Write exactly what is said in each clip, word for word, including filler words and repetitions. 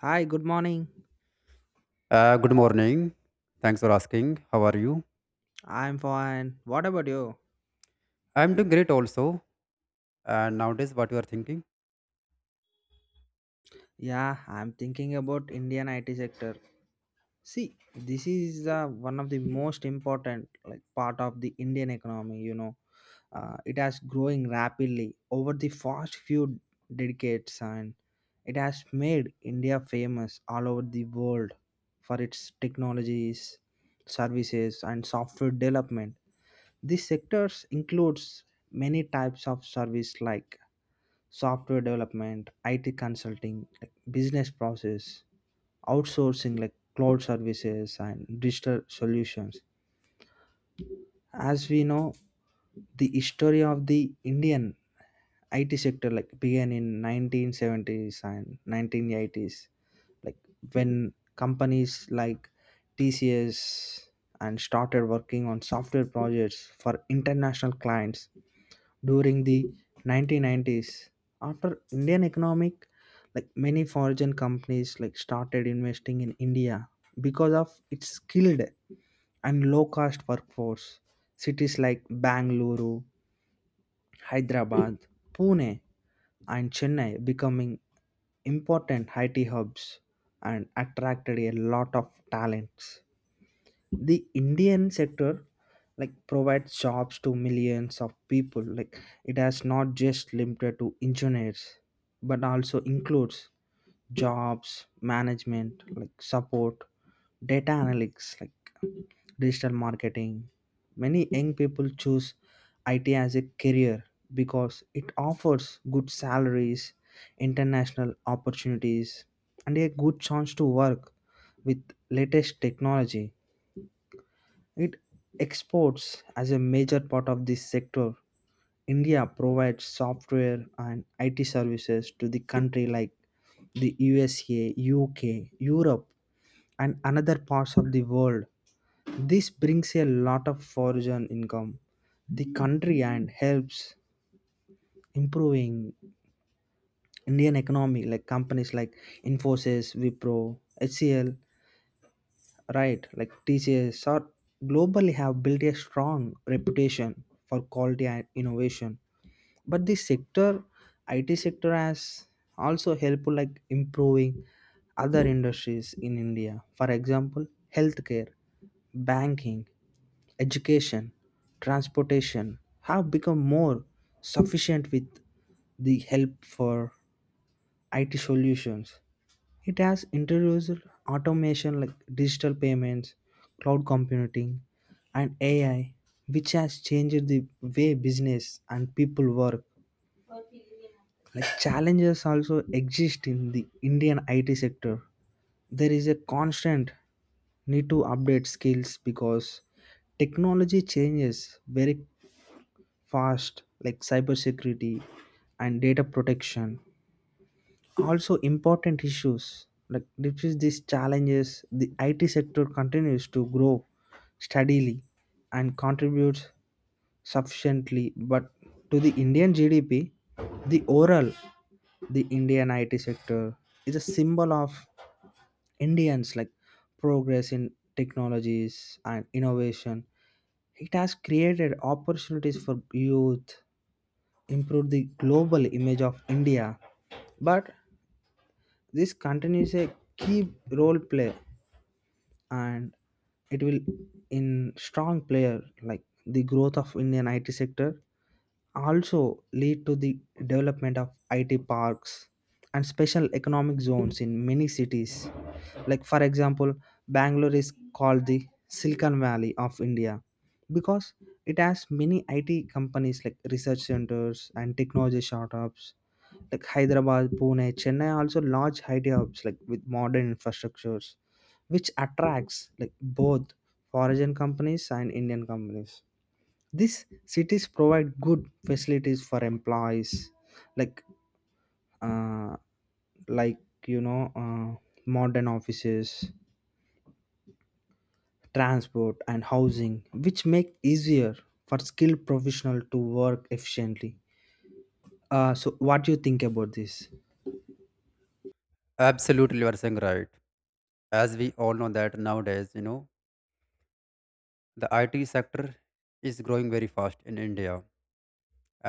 Hi, good morning. Uh, good morning. Thanks for asking. How are you? I'm fine. What about you? I'm doing great also. And nowadays, what you are thinking? Yeah, I'm thinking about Indian I T sector. See, this is uh, one of the most important like part of the Indian economy. You know, uh, it has growing rapidly over the past few decades, and it has made India famous all over the world for its technologies, services, and software development. These sectors includes many types of service like software development, I T consulting, like business process, outsourcing like cloud services and digital solutions. As we know, the history of the Indian I T sector like began in nineteen seventies and nineteen eighties, like when companies like T C S and started working on software projects for international clients during the nineteen nineties. After indian economic, like many foreign companies like started investing in india because of its skilled and low cost workforce. Cities like bangalore, hyderabad, pune and Chennai becoming important I T hubs and attracted a lot of talents. The indian sector like provides jobs to millions of people. Like it has not just limited to engineers, but also includes jobs, management like support, data analytics, like digital marketing. Many young people choose it as a career because it offers good salaries, international opportunities, and a good chance to work with latest technology. It exports as a major part of this sector. India provides software and I T services to the country like the U S A, U K, Europe, and another parts of the world. This brings a lot of foreign income the country and helps improving Indian economy. Like companies like Infosys, Wipro, H C L, right, like T C S are globally have built a strong reputation for quality and innovation. But the sector, it sector has also helped like improving other industries in india. For example, healthcare, banking, education, transportation have become more sufficient with the help for it solutions. It has introduced automation like digital payments, cloud computing, and A I, which has changed the way business and people work. Like challenges also exist in the Indian I T sector. There is a constant need to update skills because technology changes very fast, like cybersecurity and data protection also important issues. Like despite these challenges, the it sector continues to grow steadily and contributes sufficiently but to the indian G D P. The overall, the indian it sector is a symbol of indians, like progress in technologies and innovation. It has created opportunities for youth, improved the global image of india. But this continues a key role play, and it will in strong player like the growth of Indian I T sector also lead to the development of I T parks and special economic zones in many cities. Like, for example, Bangalore is called the Silicon Valley of India because it has many I T companies like research centers and technology startups. Like Hyderabad, Pune, Chennai are also large I T hubs like with modern infrastructures, which attracts like both foreign companies and Indian companies. These cities provide good facilities for employees like uh, like you know uh, modern offices, transport and housing, which make easier for skilled professional to work efficiently. Uh, so what do you think about this? Absolutely, you are saying right. As we all know that nowadays, you know, the I T sector is growing very fast in India,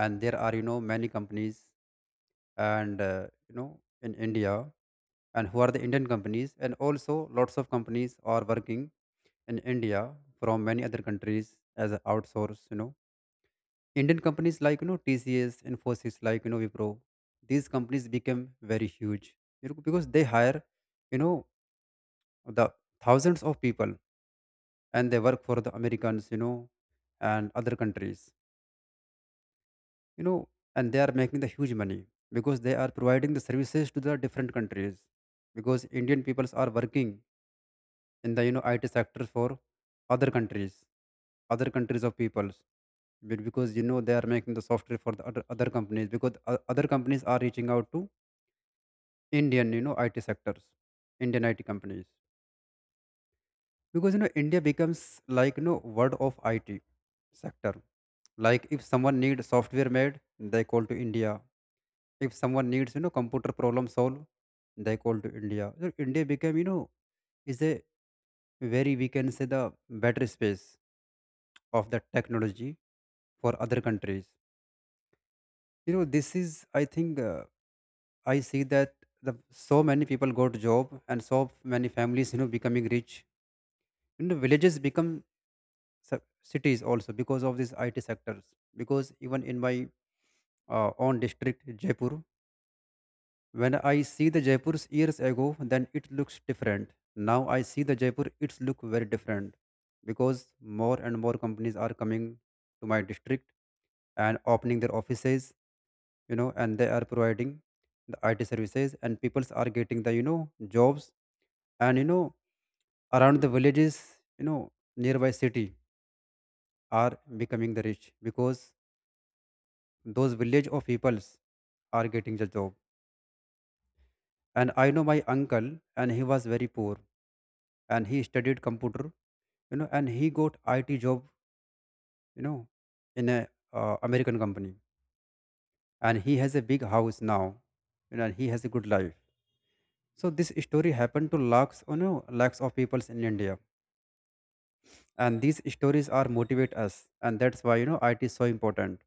and there are you know many companies and uh, you know in India, and who are the Indian companies, and also lots of companies are working in India from many other countries as a outsource, you know. Indian companies like you know T C S, Infosys, like you know Wipro, these companies became very huge you know, because they hire you know the thousands of people, and they work for the Americans, you know, and other countries, you know, and they are making the huge money because they are providing the services to the different countries because Indian peoples are working in the you know I T sector for other countries, other countries of peoples. Be- because you know they are making the software for the other, other companies because o- other companies are reaching out to indian you know it sectors, indian it companies, because you know india becomes like you know word of it sector. Like if someone needs software made, they call to india. If someone needs you know computer problem solve, they call to india. So india became you know is a very, we can say, the battery space of the technology for other countries. You know, this is I think uh, I see that the so many people got job, and so many families, you know, becoming rich. You know, villages become su- cities also because of these I T sectors. Because even in my uh, own district, Jaipur, when I see the Jaipur's years ago, then it looks different. Now I see the Jaipur, it's look very different because more and more companies are coming to my district and opening their offices, you know, and they are providing the I T services, and peoples are getting the, you know, jobs, and you know around the villages, you know, nearby city, are becoming the rich because those village of peoples are getting the job. And I know my uncle, and he was very poor, and he studied computer, you know, and he got it job, you know, in a uh, american company, and he has a big house now, you know, and he has a good life. So this story happened to lakhs, you know, lakhs of peoples in india, and these stories are motivate us, and that's why you know it is so important.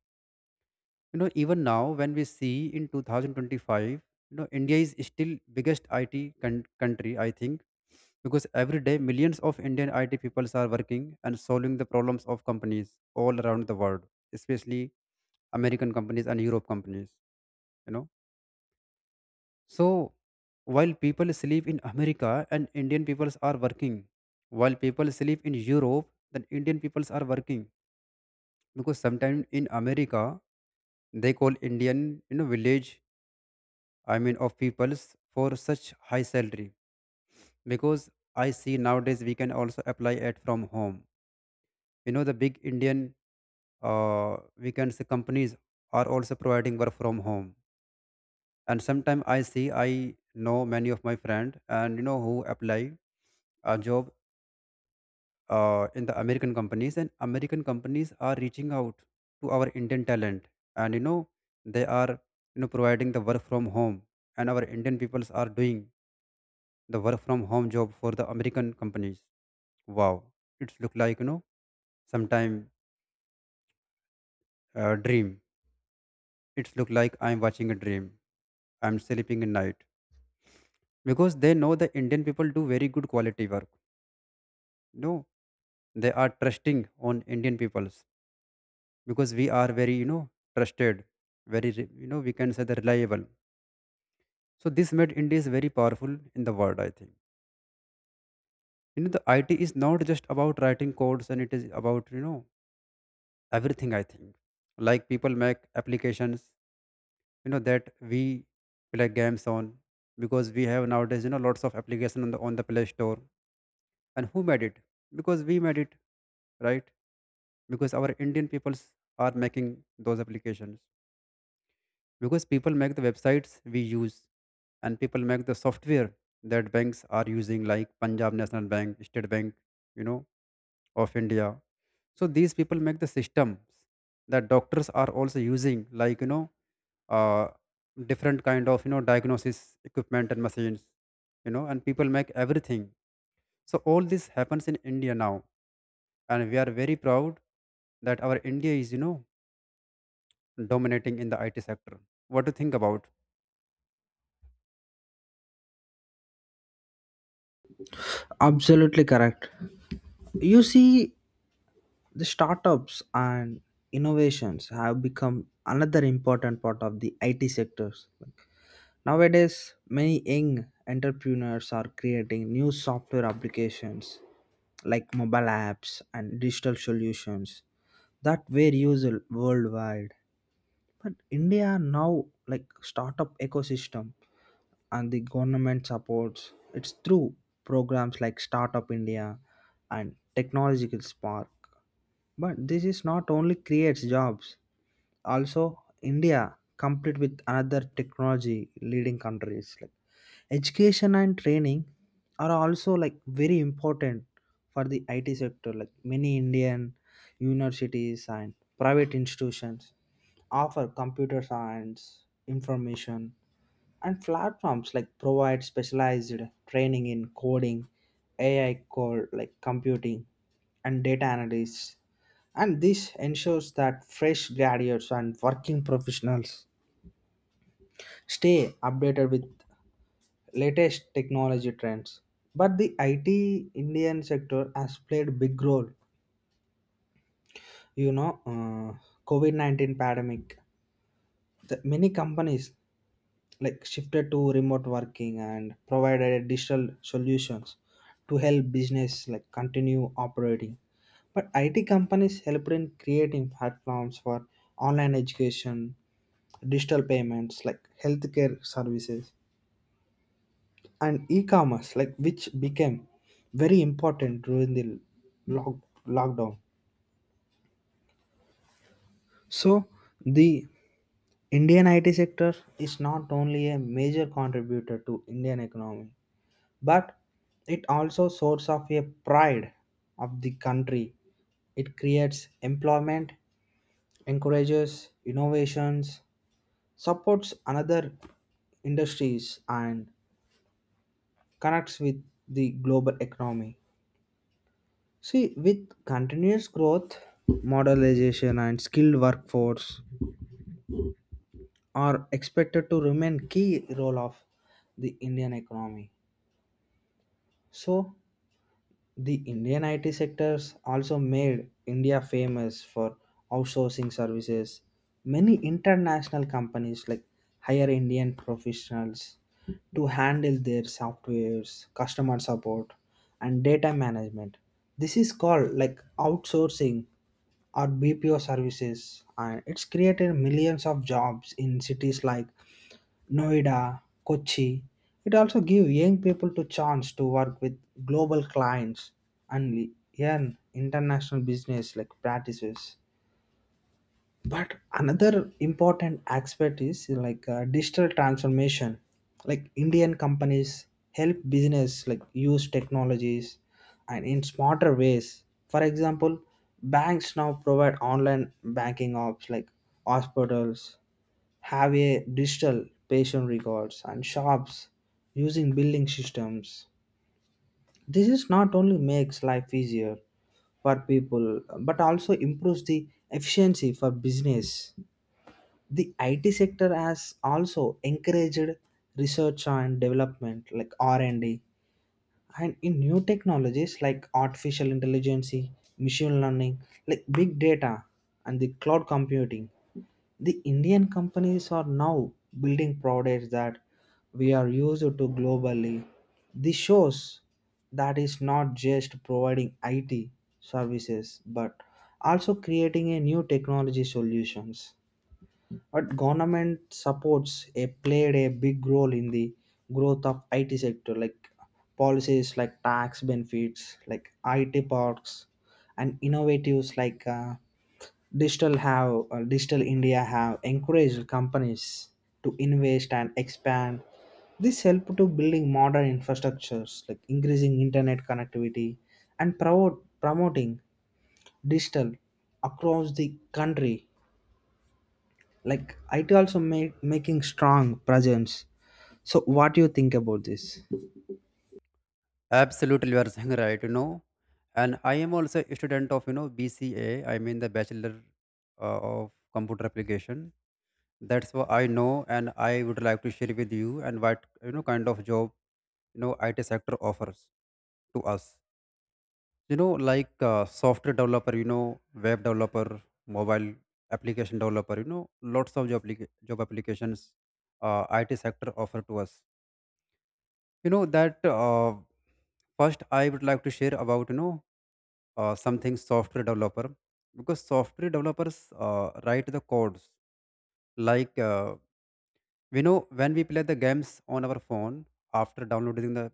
You know, even now when we see in twenty twenty-five, you know india is still biggest it con- country I think, because every day millions of indian it people are working and solving the problems of companies all around the world, especially american companies and europe companies, you know. So while people sleep in america, and indian peoples are working. While people sleep in europe, then indian peoples are working. Because sometimes in america, they call indian, you know, village, I mean, of peoples for such high salary. Because I see nowadays we can also apply it from home. You know, the big Indian, uh, we can say, companies are also providing work from home. And sometimes I see, I know many of my friend, and you know, who apply a job uh, in the American companies, and American companies are reaching out to our Indian talent, and you know they are you know providing the work from home, and our Indian peoples are doing the work from home job for the American companies. Wow, it's look like you know sometime uh, dream. It's look like I'm watching a dream. I'm sleeping at night because they know the Indian people do very good quality work. No, they are trusting on Indian peoples because we are very you know trusted, very re- you know we can say the reliable. So this made India is very powerful in the world. I think you know the I T is not just about writing codes, and it is about you know everything. I think like people make applications, you know, that we play games on, because we have nowadays you know lots of application on the on the play store, and who made it? Because we made it, right? Because our indian peoples are making those applications, because people make the websites we use, and people make the software that banks are using, like punjab national bank, state bank, you know, of india. So these people make the systems that doctors are also using, like you know uh, different kind of you know diagnosis equipment and machines, you know, and people make everything. So all this happens in india now, and we are very proud that our india is you know dominating in the it sector. What do you think about? Absolutely correct. You see, the startups and innovations have become another important part of the it sectors. Nowadays, many young entrepreneurs are creating new software applications like mobile apps and digital solutions that were used worldwide. But India now like startup ecosystem, and the government supports it's through programs like Startup India and Technological Spark. But this is not only creates jobs, also India compete with another technology leading countries. Like education and training are also like very important for the I T sector. Like many Indian universities and private institutions offer computer science information, and platforms like provide specialized training in coding, A I code like computing, and data analysis. And this ensures that fresh graduates and working professionals stay updated with latest technology trends. But the it indian sector has played big role you know uh, covid nineteen pandemic. The many companies like shifted to remote working and provided digital solutions to help business like continue operating. But it companies helped in creating platforms for online education, digital payments like healthcare services and e-commerce, like which became very important during the lock, lockdown. So the indian it sector is not only a major contributor to indian economy, but it also source of a pride of the country. It creates employment, encourages innovations, supports another industries, and connects with the global economy. See, with continuous growth, modernization and skilled workforce are expected to remain key role of the Indian economy. So, the Indian I T sectors also made India famous for outsourcing services. Many international companies like hire Indian professionals to handle their softwares, customer support, and data management. This is called like outsourcing or B P O services, and it's created millions of jobs in cities like Noida, Kochi. It also gives young people the chance to work with global clients and learn international business like practices. But another important aspect is like uh, digital transformation. Like indian companies help business like use technologies and in smarter ways. For example, banks now provide online banking apps, like hospitals have a digital patient records, and shops using billing systems. This is not only makes life easier for people, but also improves the efficiency for business. The I T sector has also encouraged research and development like R and D and D, and in new technologies like artificial intelligence, machine learning, like big data and the cloud computing. The Indian companies are now building products that we are used to globally. This shows that is not just providing I T services but also creating a new technology solutions. But government supports a played a big role in the growth of I T sector, like policies like tax benefits, like I T parks, and innovatives like uh, digital have uh, digital India have encouraged companies to invest and expand. This helped to building modern infrastructures like increasing internet connectivity and promote, promoting digital across the country, like it also make making strong presence. So what do you think about this? Absolutely, you are saying right. You know, and I am also a student of you know B C A. I mean the Bachelor uh, of Computer Application. That's what I know, and I would like to share with you and what you know kind of job you know I T sector offers to us. You know, like uh, software developer, you know, web developer, mobile application developer. You know, lots of job applica- job applications uh, I T sector offer to us, you know that uh, first I would like to share about you know uh, something software developer. Because software developers uh, write the codes, like uh, we know when we play the games on our phone after downloading the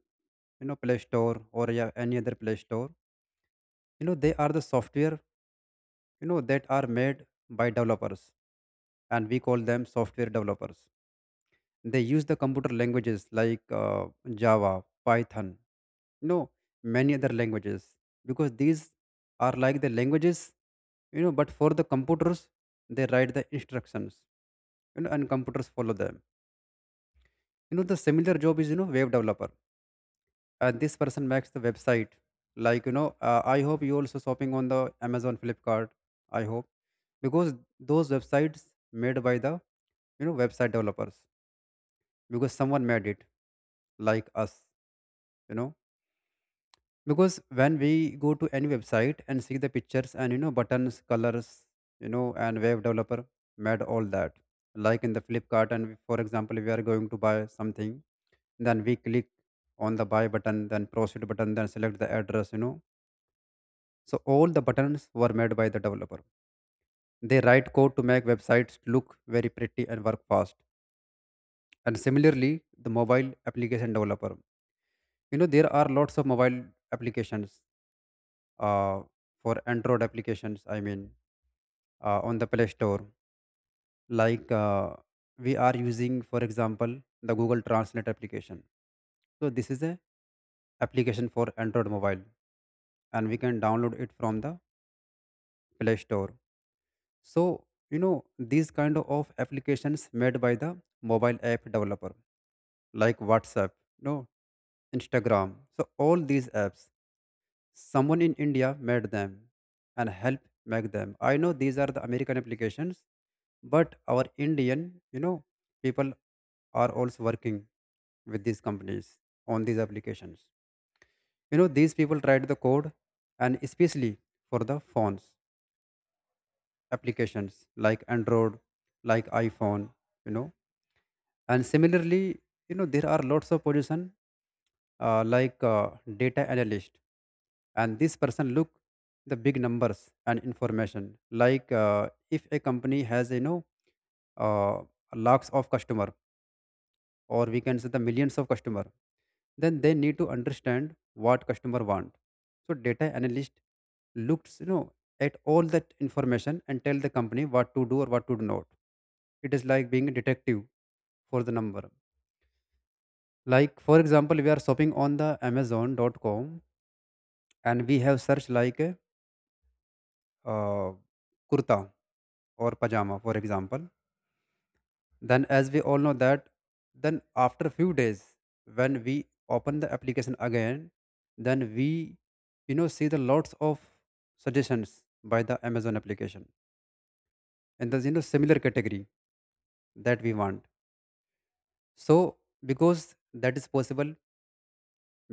you know play store or yeah, any other play store, you know, they are the software, you know, that are made by developers, and we call them software developers. They use the computer languages like uh, Java, Python, you know, many other languages, because these are like the languages, you know, but for the computers, they write the instructions, you know, and computers follow them. You know, the similar job is, you know, web developer. And this person makes the website. Like, you know, uh, I hope you also shopping on the Amazon Flipkart. I hope, because those websites made by the you know website developers, because someone made it like us, you know. Because when we go to any website and see the pictures and you know buttons colors, you know, and web developer made all that. Like in the flipkart, and for example we are going to buy something, then we click on the buy button, then proceed button, then select the address, you know. So all the buttons were made by the developer. They write code to make websites look very pretty and work fast. And similarly, the mobile application developer, you know, there are lots of mobile applications uh, for android applications I mean, uh, on the play store, like uh, we are using for example the google translate application. So this is a application for android mobile, and we can download it from the play store. So you know these kind of applications made by the mobile app developer, like whatsapp, you know, instagram, so all these apps someone in India made them and helped make them. I know these are the American applications, but our Indian, you know, people are also working with these companies on these applications. You know, these people write the code, and especially for the phones applications like Android, like iPhone, you know. And similarly, you know, there are lots of position uh, like uh, data analyst, and this person look the big numbers and information. Like uh, if a company has you know uh, lakhs of customer, or we can say the millions of customer, then they need to understand what customer want. So data analyst looks you know at all that information and tell the company what to do or what to do not. It is like being a detective for the number. Like for example we are shopping on the amazon dot com, and we have searched like a uh, kurta or pajama for example, then as we all know that then after few days, when we open the application again, then we you know see the lots of suggestions by the amazon application, and there's you know similar category that we want. So because that is possible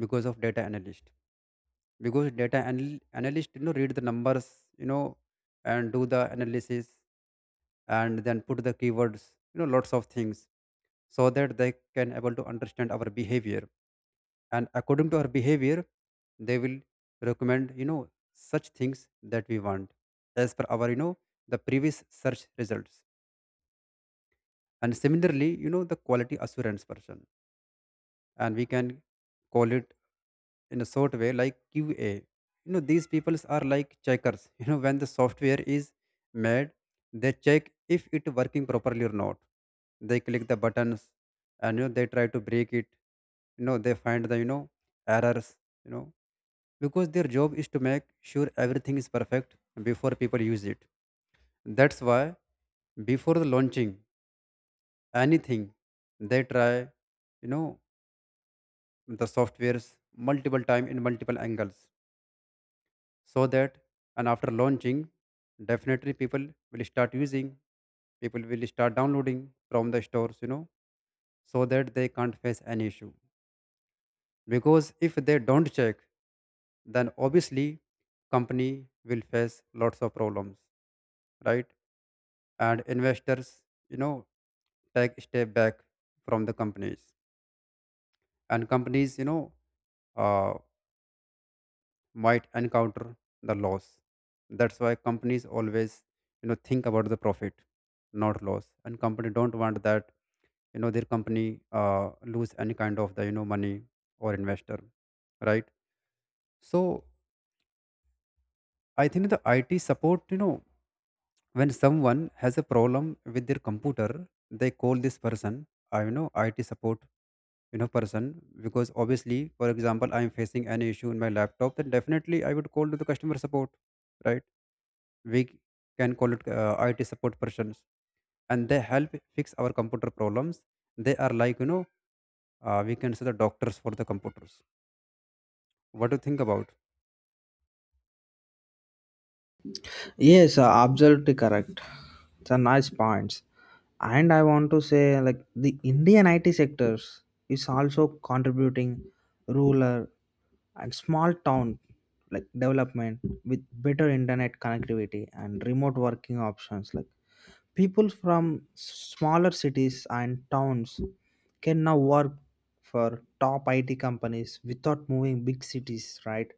because of data analyst. Because data anal- analyst you know read the numbers, you know, and do the analysis, and then put the keywords, you know, lots of things, so that they can able to understand our behavior. And according to our behavior, they will recommend you know such things that we want as per our you know the previous search results. And similarly, you know, the quality assurance person, and we can call it in a short way like qa, you know, these people are like checkers you know when the software is made, they check if it working properly or not. They click the buttons, and you know they try to break it, you know, they find the you know errors, you know, because their job is to make sure everything is perfect before people use it. That's why before the launching anything, they try you know the softwares multiple time in multiple angles, so that and after launching definitely people will start using, people will start downloading from the stores, you know, so that they can't face any issue. Because if they don't check, then obviously company will face lots of problems, right? And investors, you know, take step back from the companies, and companies you know uh, might encounter the loss. That's why companies always, you know, think about the profit, not loss. And company don't want that, you know, their company uh, lose any kind of the, you know, money or investor, right? So I think the I T support, you know, when someone has a problem with their computer, they call this person, I you know, I T support, you know, person, because obviously, for example, I am facing any issue in my laptop, then definitely I would call to the customer support, right? We can call it uh, I T support persons, and they help fix our computer problems. They are like you know uh, we can say the doctors for the computers. What do you think about? Yes, uh, absolutely correct. It's a nice points. And I want to say like the indian it sectors is also contributing rural and small town like development with better internet connectivity and remote working options. Like people from smaller cities and towns can now work for top I T companies without moving big cities, right?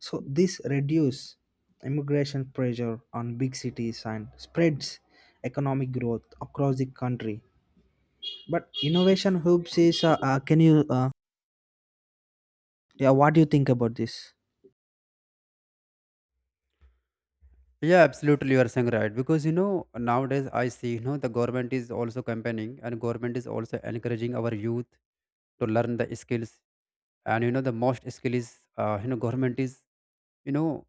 So this reduce immigration pressure on big cities and spreads economic growth across the country. But innovation hubs is uh, uh, can you uh, yeah, what do you think about this? Yeah, absolutely, you are saying right, because you know nowadays I see you know the government is also campaigning, and government is also encouraging our youth to learn the skills. And you know the most skill is uh, you know government is you know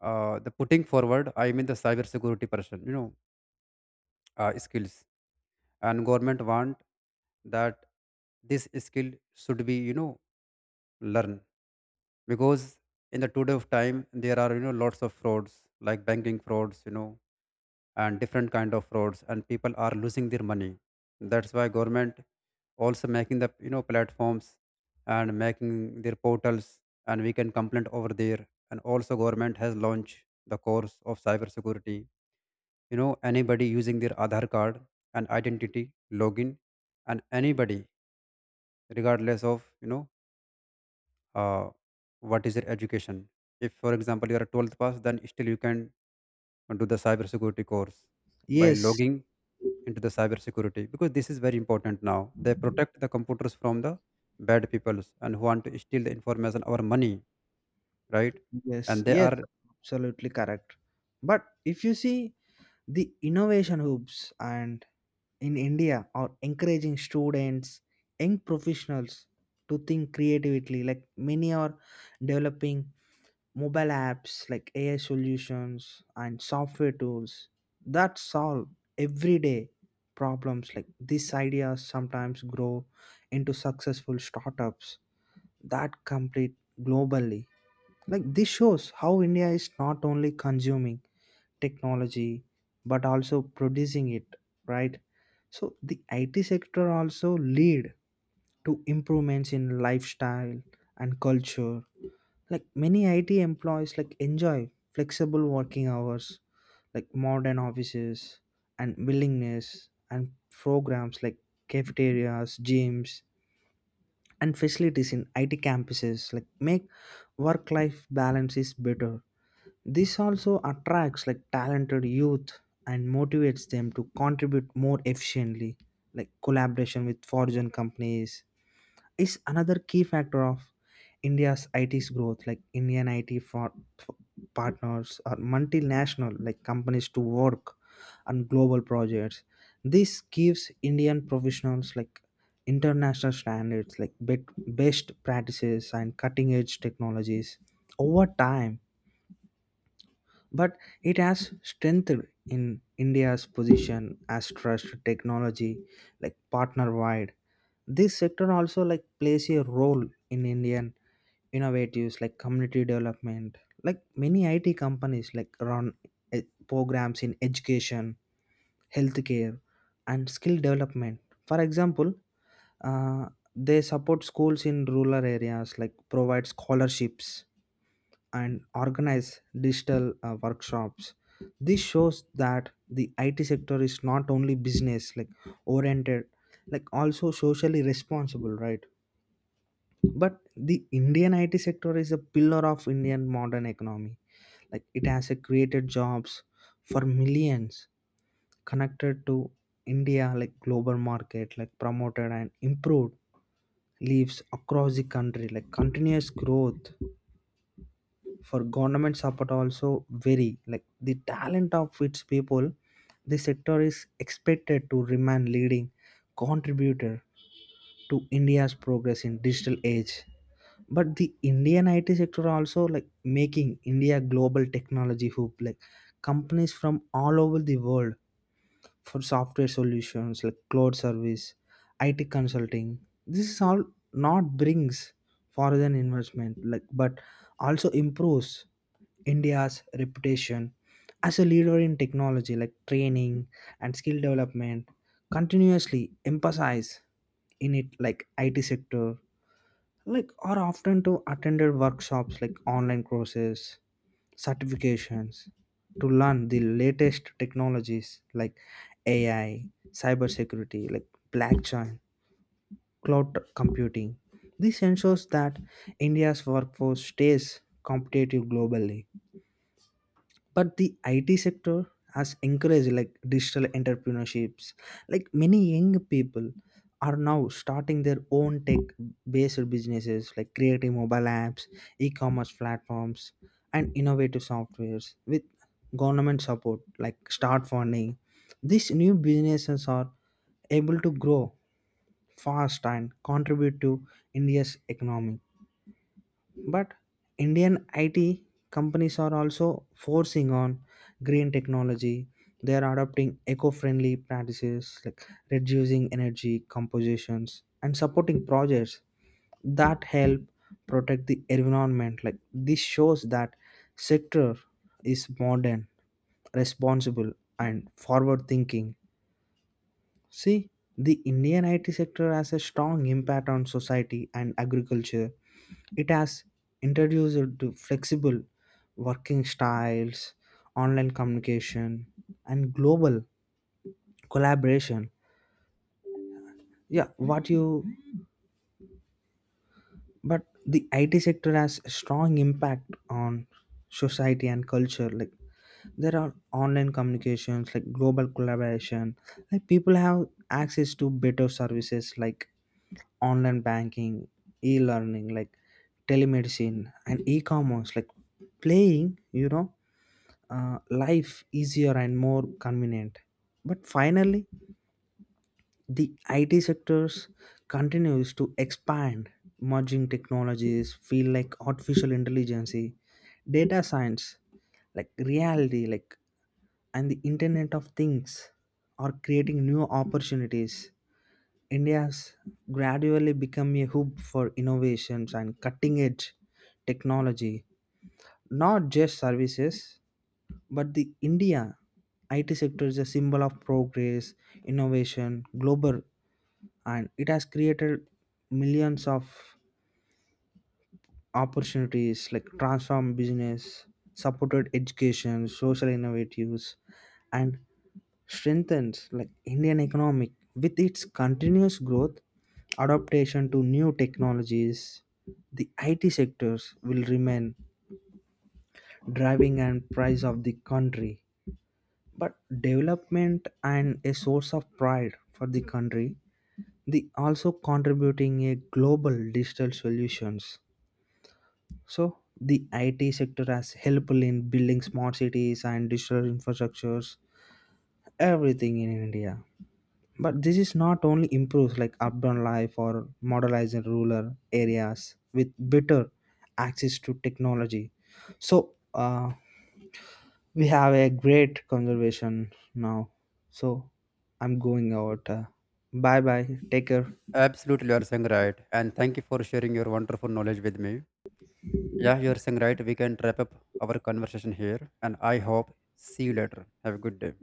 uh, the putting forward, I mean the cyber security person, you know, uh, skills, and government want that this skill should be you know learn. Because in the today of time, there are you know lots of frauds, like banking frauds, you know, and different kind of frauds, and people are losing their money. That's why government also making the you know platforms and making their portals, and we can complain over there. And also government has launched the course of cyber security, you know, anybody using their Aadhaar card and identity login. And anybody, regardless of you know uh, what is your education, if for example you are a twelfth pass, then still you can do the cyber security course by Yes, logging into the cyber security, because this is very important now. They protect the computers from the bad peoples and who want to steal the information or money, right? yes, And they yes, are absolutely correct. But if you see the innovation hubs and in India are encouraging students, young professionals to think creatively. Like many are developing mobile apps like A I solutions and software tools that solve everyday problems. Like these ideas sometimes grow into successful startups that compete globally. Like this shows how India is not only consuming technology but also producing it, right. So the it sector also lead to improvements in lifestyle and culture. Like many it employees like enjoy flexible working hours, like modern offices and willingness, and programs like cafeterias, gyms, and facilities in it campuses like make work life balance is better. This also attracts like talented youth and motivates them to contribute more efficiently. Like collaboration with foreign companies is another key factor of India's I T's growth. Like Indian I T for, for partners or multinational like companies to work on global projects. This gives Indian professionals like international standards like bet- best practices and cutting edge technologies over time. But it has strengthened in India's position as trust technology, like partner wide. This sector also like plays a role in Indian innovatives like community development. Like many I T companies like run eh, programs in education, healthcare, and skill development. For example, uh, they support schools in rural areas like provide scholarships and organize digital uh, workshops. This shows that the it sector is not only business like oriented, like also socially responsible, right. But the indian it sector is a pillar of indian modern economy. Like it has uh, created jobs for millions, connected to india like global market, like promoted and improved lives across the country. Like continuous growth for government support also vary like the talent of its people. The sector is expected to remain leading contributor to india's progress in digital age. But the indian it sector also like making india global technology hub. Like companies from all over the world for software solutions like cloud service, I T consulting. This is all not brings foreign investment, like but also improves India's reputation as a leader in technology, like training and skill development. Continuously emphasize in it like I T sector, like are often to attended workshops, like online courses, certifications to learn the latest technologies like A I, cybersecurity, like blockchain, cloud computing. This ensures that India's workforce stays competitive globally. But the I T sector has encouraged like digital entrepreneurships. Like many young people are now starting their own tech-based businesses, like creating mobile apps, e-commerce platforms, and innovative softwares with government support, like start funding. These new businesses are able to grow fast and contribute to India's economy. But indian it companies are also forcing on green technology. They are adopting eco-friendly practices like reducing energy compositions and supporting projects that help protect the environment. Like this shows that sector is modern, responsible and forward thinking. See, the Indian I T sector has a strong impact on society and agriculture. It has introduced to flexible working styles, online communication, and global collaboration. Yeah, what you but the I T sector has a strong impact on society and culture. Like there are online communications, like global collaboration. Like people have access to better services like online banking, e-learning, like telemedicine and e-commerce, like playing, you know, uh, life easier and more convenient. But finally, the I T sectors continues to expand. Merging technologies feel like artificial intelligence, data science, like reality, like and the Internet of Things are creating new opportunities. India has gradually become a hub for innovations and cutting edge technology, not just services. But the India I T sector is a symbol of progress, innovation, global, and it has created millions of opportunities like transform business, supported education, social innovatives, and strengthens like Indian economic with its continuous growth, adaptation to new technologies. The I T sectors will remain driving and price of the country, but development and a source of pride for the country. The also contributing a global digital solutions. So the I T sector has helpful in building smart cities and digital infrastructures, everything in India. But this is not only improves like urban life or modernizing rural areas with better access to technology. So uh, we have a great conversation now. So I'm going out. Uh, bye bye. Take care. absolutely you are saying right, and thank you for sharing your wonderful knowledge with me. Yeah, you are saying right, we can wrap up our conversation here, and I hope see you later, have a good day.